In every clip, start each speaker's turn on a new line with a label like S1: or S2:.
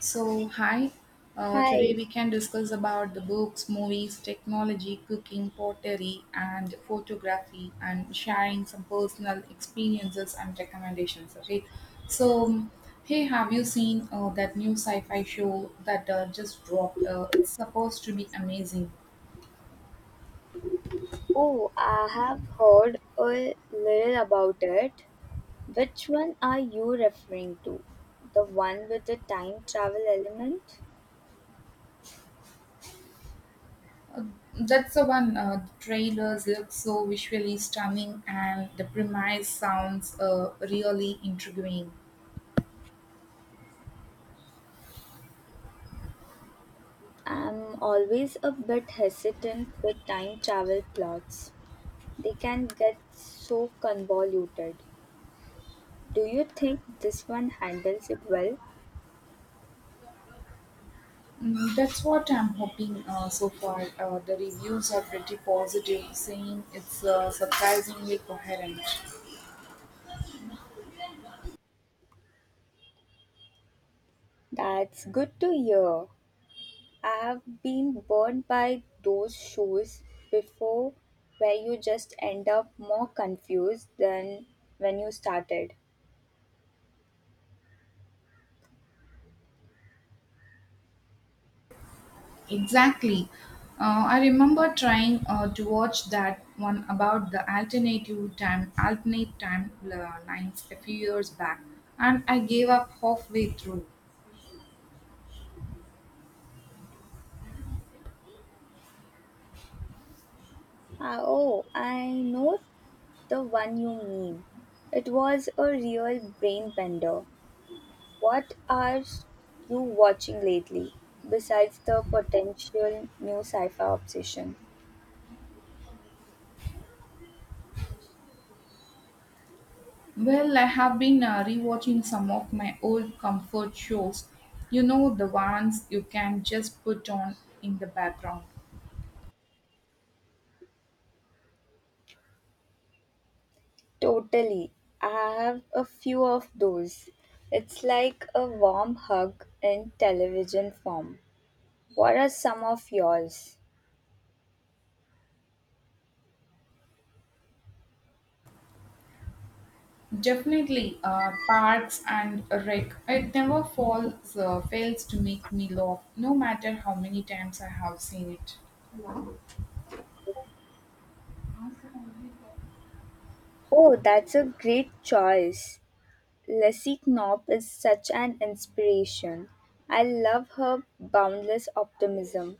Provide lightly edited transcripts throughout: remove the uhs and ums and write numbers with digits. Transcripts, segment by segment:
S1: So, hi. Today
S2: Hi.
S1: we can discuss about the books, movies, technology, cooking, pottery, and photography, and sharing some personal experiences and recommendations. Okay. So, um, Hey, have you seen that new sci-fi show that just dropped? It's supposed to be amazing.
S2: Oh, I have heard a little about it. Which one are you referring to? The one with the time travel element?
S1: That's the one. The trailers look so visually stunning, and the premise sounds really intriguing.
S2: I'm always a bit hesitant with time travel plots. They can get so convoluted. Do you think this one handles it well?
S1: Mm, that's what I'm hoping so far. The reviews are pretty positive, saying it's surprisingly coherent.
S2: That's good to hear. I have been burnt by those shows before where you just end up more confused than when you started.
S1: Exactly. I remember trying to watch that one about the alternate time lines a few years back, and I gave up halfway through.
S2: Ah, oh, I know the one you mean. It was a real brain bender. What are you watching lately besides the potential new sci fi obsession?
S1: Well, I have been rewatching some of my old comfort shows. You know, the ones you can just put on in the background.
S2: Totally. I have a few of those. It's like a warm hug in television form. What are some of yours?
S1: Definitely, Parks and Rec. It never fails to make me laugh, no matter how many times I have seen it.
S2: Oh, that's a great choice. Leslie Knopp is such an inspiration. I love her boundless optimism.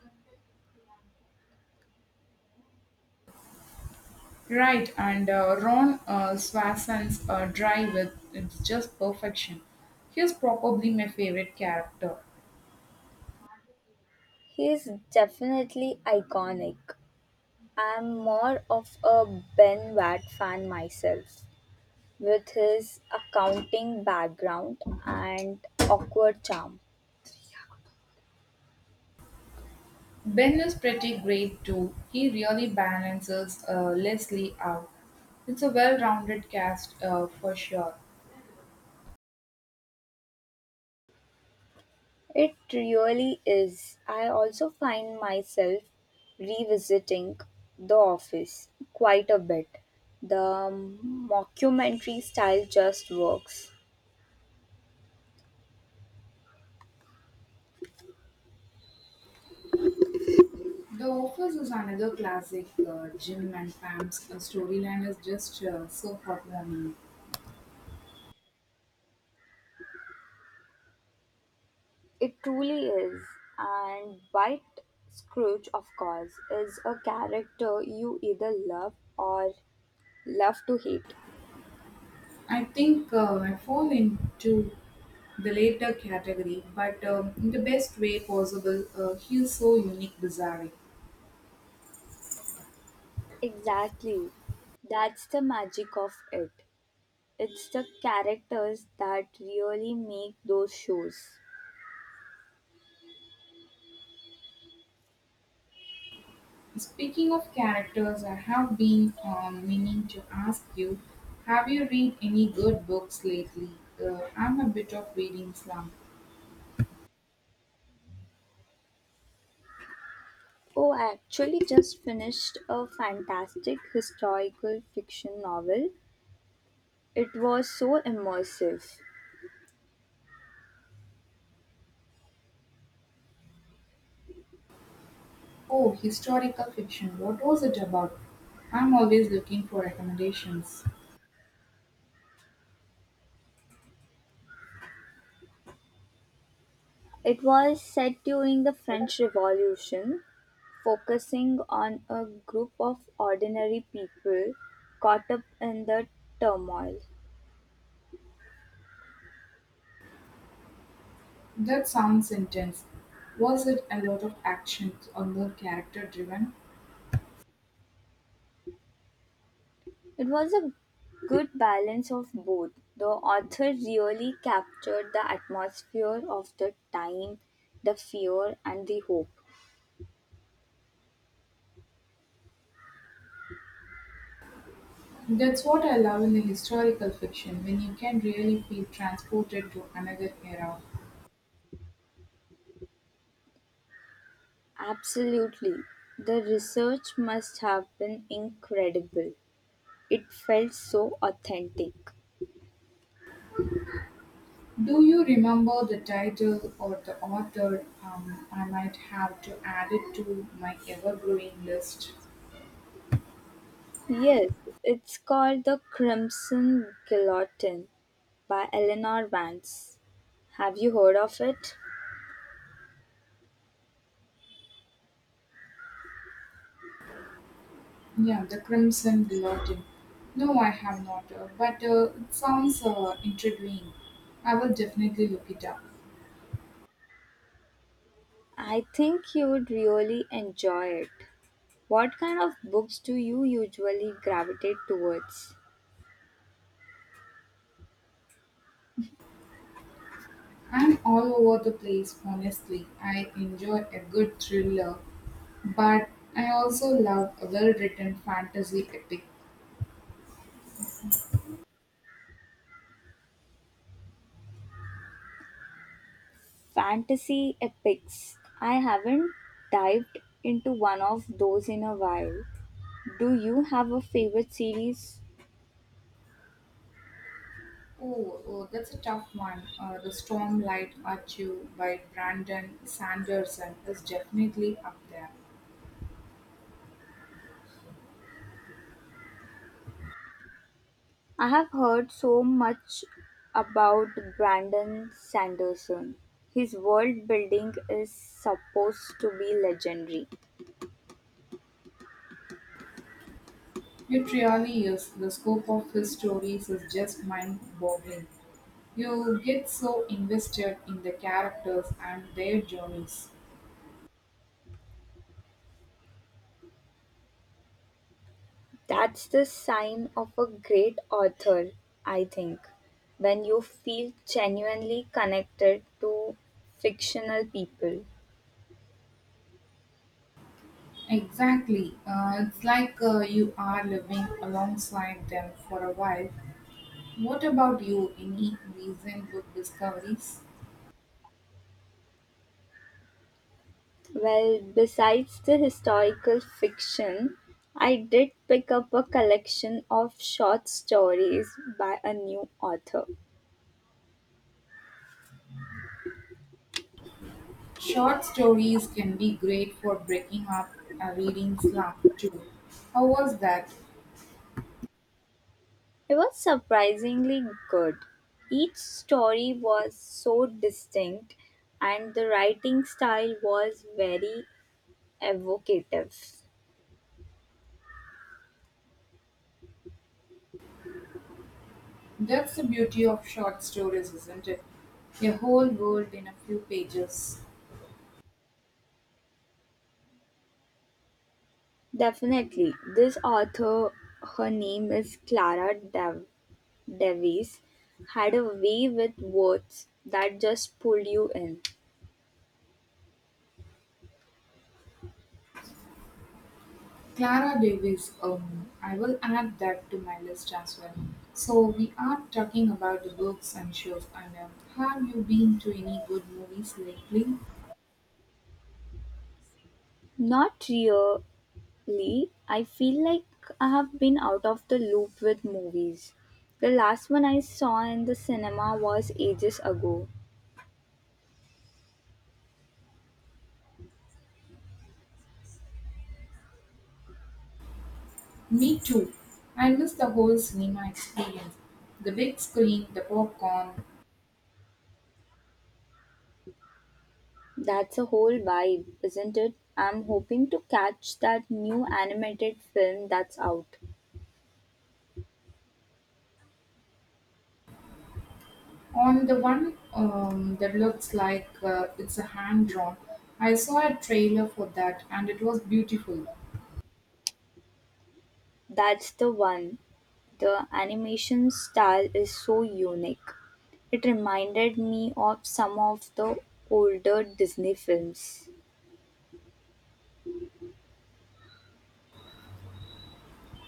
S1: Right, and Ron Swasson's Drive with it's just perfection. He's probably my favorite character.
S2: He is definitely iconic. I'm more of a Ben Watt fan myself, with his accounting background and awkward charm.
S1: Ben is pretty great too. He really balances Leslie out. It's a well-rounded cast for sure.
S2: It really is. I also find myself revisiting The Office quite a bit. The mockumentary style just works.
S1: The Office is another classic. Jim and Pam's storyline is just so heartwarming.
S2: It truly is. And White Scrooge, of course, is a character you either love or love to hate.
S1: I think I fall into the later category, but in the best way possible. He is so unique, bizarre.
S2: Exactly. That's the magic of it. It's the characters that really make those shows.
S1: Speaking of characters, I have been meaning to ask you: have you read any good books lately? I'm a bit of reading slump.
S2: Oh, I actually just finished a fantastic historical fiction novel. It was so immersive.
S1: Oh, historical fiction. What was it about? I'm always looking for recommendations.
S2: It was set during the French Revolution, focusing on a group of ordinary people caught up in the turmoil.
S1: That sounds intense. Was it a lot of action or more character driven?
S2: It was a good balance of both. The author really captured the atmosphere of the time, the fear, and the hope.
S1: That's what I love in the historical fiction when you can really feel transported to another era.
S2: Absolutely. The research must have been incredible. It felt so authentic.
S1: Do you remember the title or the author? I might have to add it to my ever growing list.
S2: Yes, it's called The Crimson Guillotine by Eleanor Vance. Have you heard of it?
S1: Yeah, The Crimson Guillotine. No, I have not, but it sounds intriguing. I will definitely look it up.
S2: I think you would really enjoy it. What kind of books do you usually gravitate towards?
S1: I'm all over the place, honestly. I enjoy a good thriller, but I also love a well written fantasy epic.
S2: Fantasy epics. I haven't dived into one of those in a while. Do you have a favorite series?
S1: Oh, that's a tough one. The Stormlight Archive by Brandon Sanderson is definitely up there.
S2: I have heard so much about Brandon Sanderson. His world building is supposed to be legendary.
S1: It really is. The scope of his stories is just mind boggling. You get so invested in the characters and their journeys.
S2: That's the sign of a great author, I think, when you feel genuinely connected to fictional people.
S1: Exactly. It's like you are living alongside them for a while. What about you? Any recent book discoveries?
S2: Well, besides the historical fiction, I did pick up a collection of short stories by a new author.
S1: Short stories can be great for breaking up a reading slump, too. How was that?
S2: It was surprisingly good. Each story was so distinct, and the writing style was very evocative.
S1: That's the beauty of short stories, isn't it? A whole world in a few pages.
S2: Definitely, this author, her name is Clara Dev. Davies had a way with words that just pulled you in.
S1: Clara Davis, I will add that to my list as well. So we are talking about the books and shows. And have you been to any good movies lately?
S2: Not really. I feel like I have been out of the loop with movies. The last one I saw in the cinema was ages ago.
S1: Me too. I miss the whole cinema experience, the big screen, the popcorn.
S2: That's a whole vibe, isn't it? I'm hoping to catch that new animated film that's out.
S1: On the one that looks like it's a hand drawn, I saw a trailer for that, and it was beautiful.
S2: That's the one. The animation style is so unique. It reminded me of some of the older Disney films.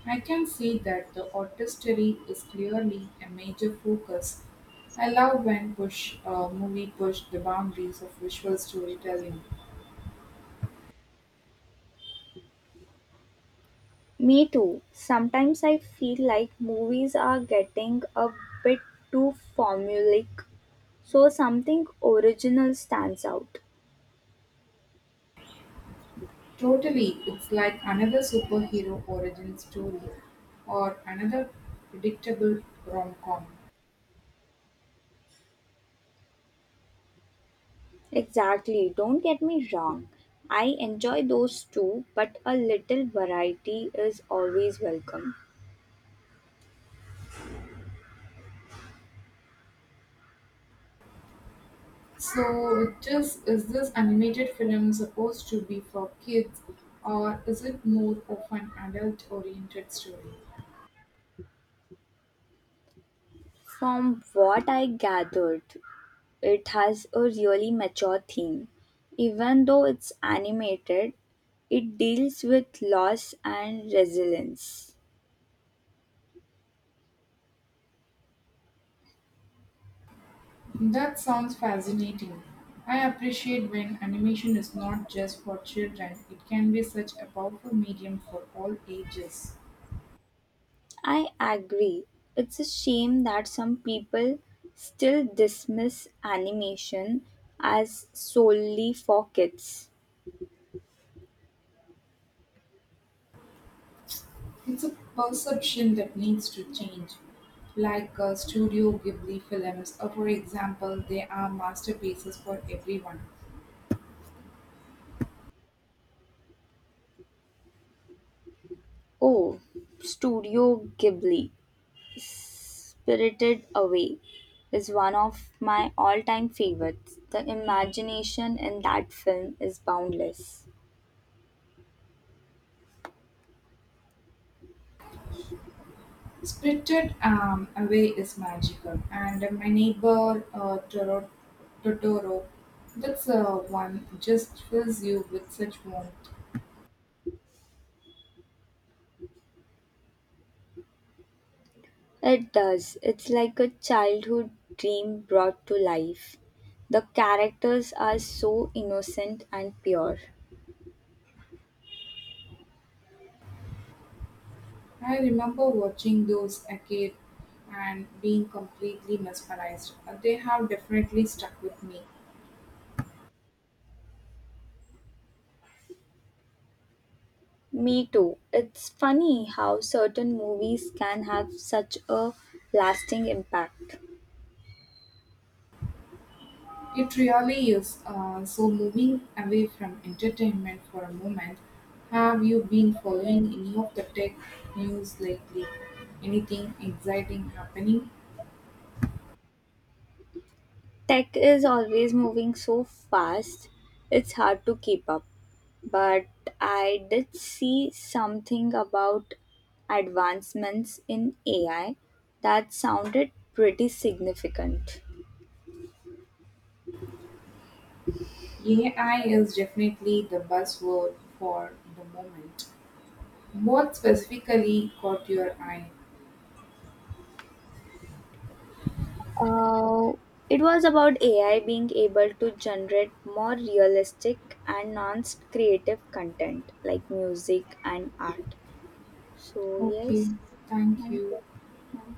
S1: I can see that the artistry is clearly a major focus. I love when push movie pushed the boundaries of visual storytelling.
S2: Me too. Sometimes I feel like movies are getting a bit too formulaic, so something original stands out.
S1: Totally, it's like another superhero origin story or another predictable rom-com.
S2: Exactly, don't get me wrong. I enjoy those too, but a little variety is always welcome.
S1: So, it just is this animated film supposed to be for kids or is it more of an adult-oriented story?
S2: From what I gathered, it has a really mature theme. Even though it's animated, it deals with loss and resilience.
S1: That sounds fascinating. I appreciate when animation is not just for children, it can be such a powerful medium for all ages.
S2: I agree. It's a shame that some people still dismiss animation as solely for kids.
S1: It's a perception that needs to change. Like Studio Ghibli films, or for example, they are masterpieces for everyone.
S2: Oh, Studio Ghibli, Spirited Away, is one of my all time favorites. The imagination in that film is boundless.
S1: Spirited Away is magical, and My Neighbor Totoro, that's one just fills you with such warmth.
S2: It does. It's like a childhood dream brought to life. The characters are so innocent and pure.
S1: I remember watching those again and being completely mesmerized. They have definitely stuck with me.
S2: Me too. It's funny how certain movies can have such a lasting impact.
S1: It really is. So, moving away from entertainment for a moment, have you been following any of the tech news lately? Anything exciting happening?
S2: Tech is always moving so fast, it's hard to keep up. But I did see something about advancements in AI that sounded pretty significant.
S1: AI is definitely the buzzword for the moment. What specifically caught your eye?
S2: Uh, it was about AI being able to generate more realistic and non creative content like music and art. So,
S1: Okay,
S2: yes,
S1: thank
S2: thank
S1: you.
S2: you. Yeah.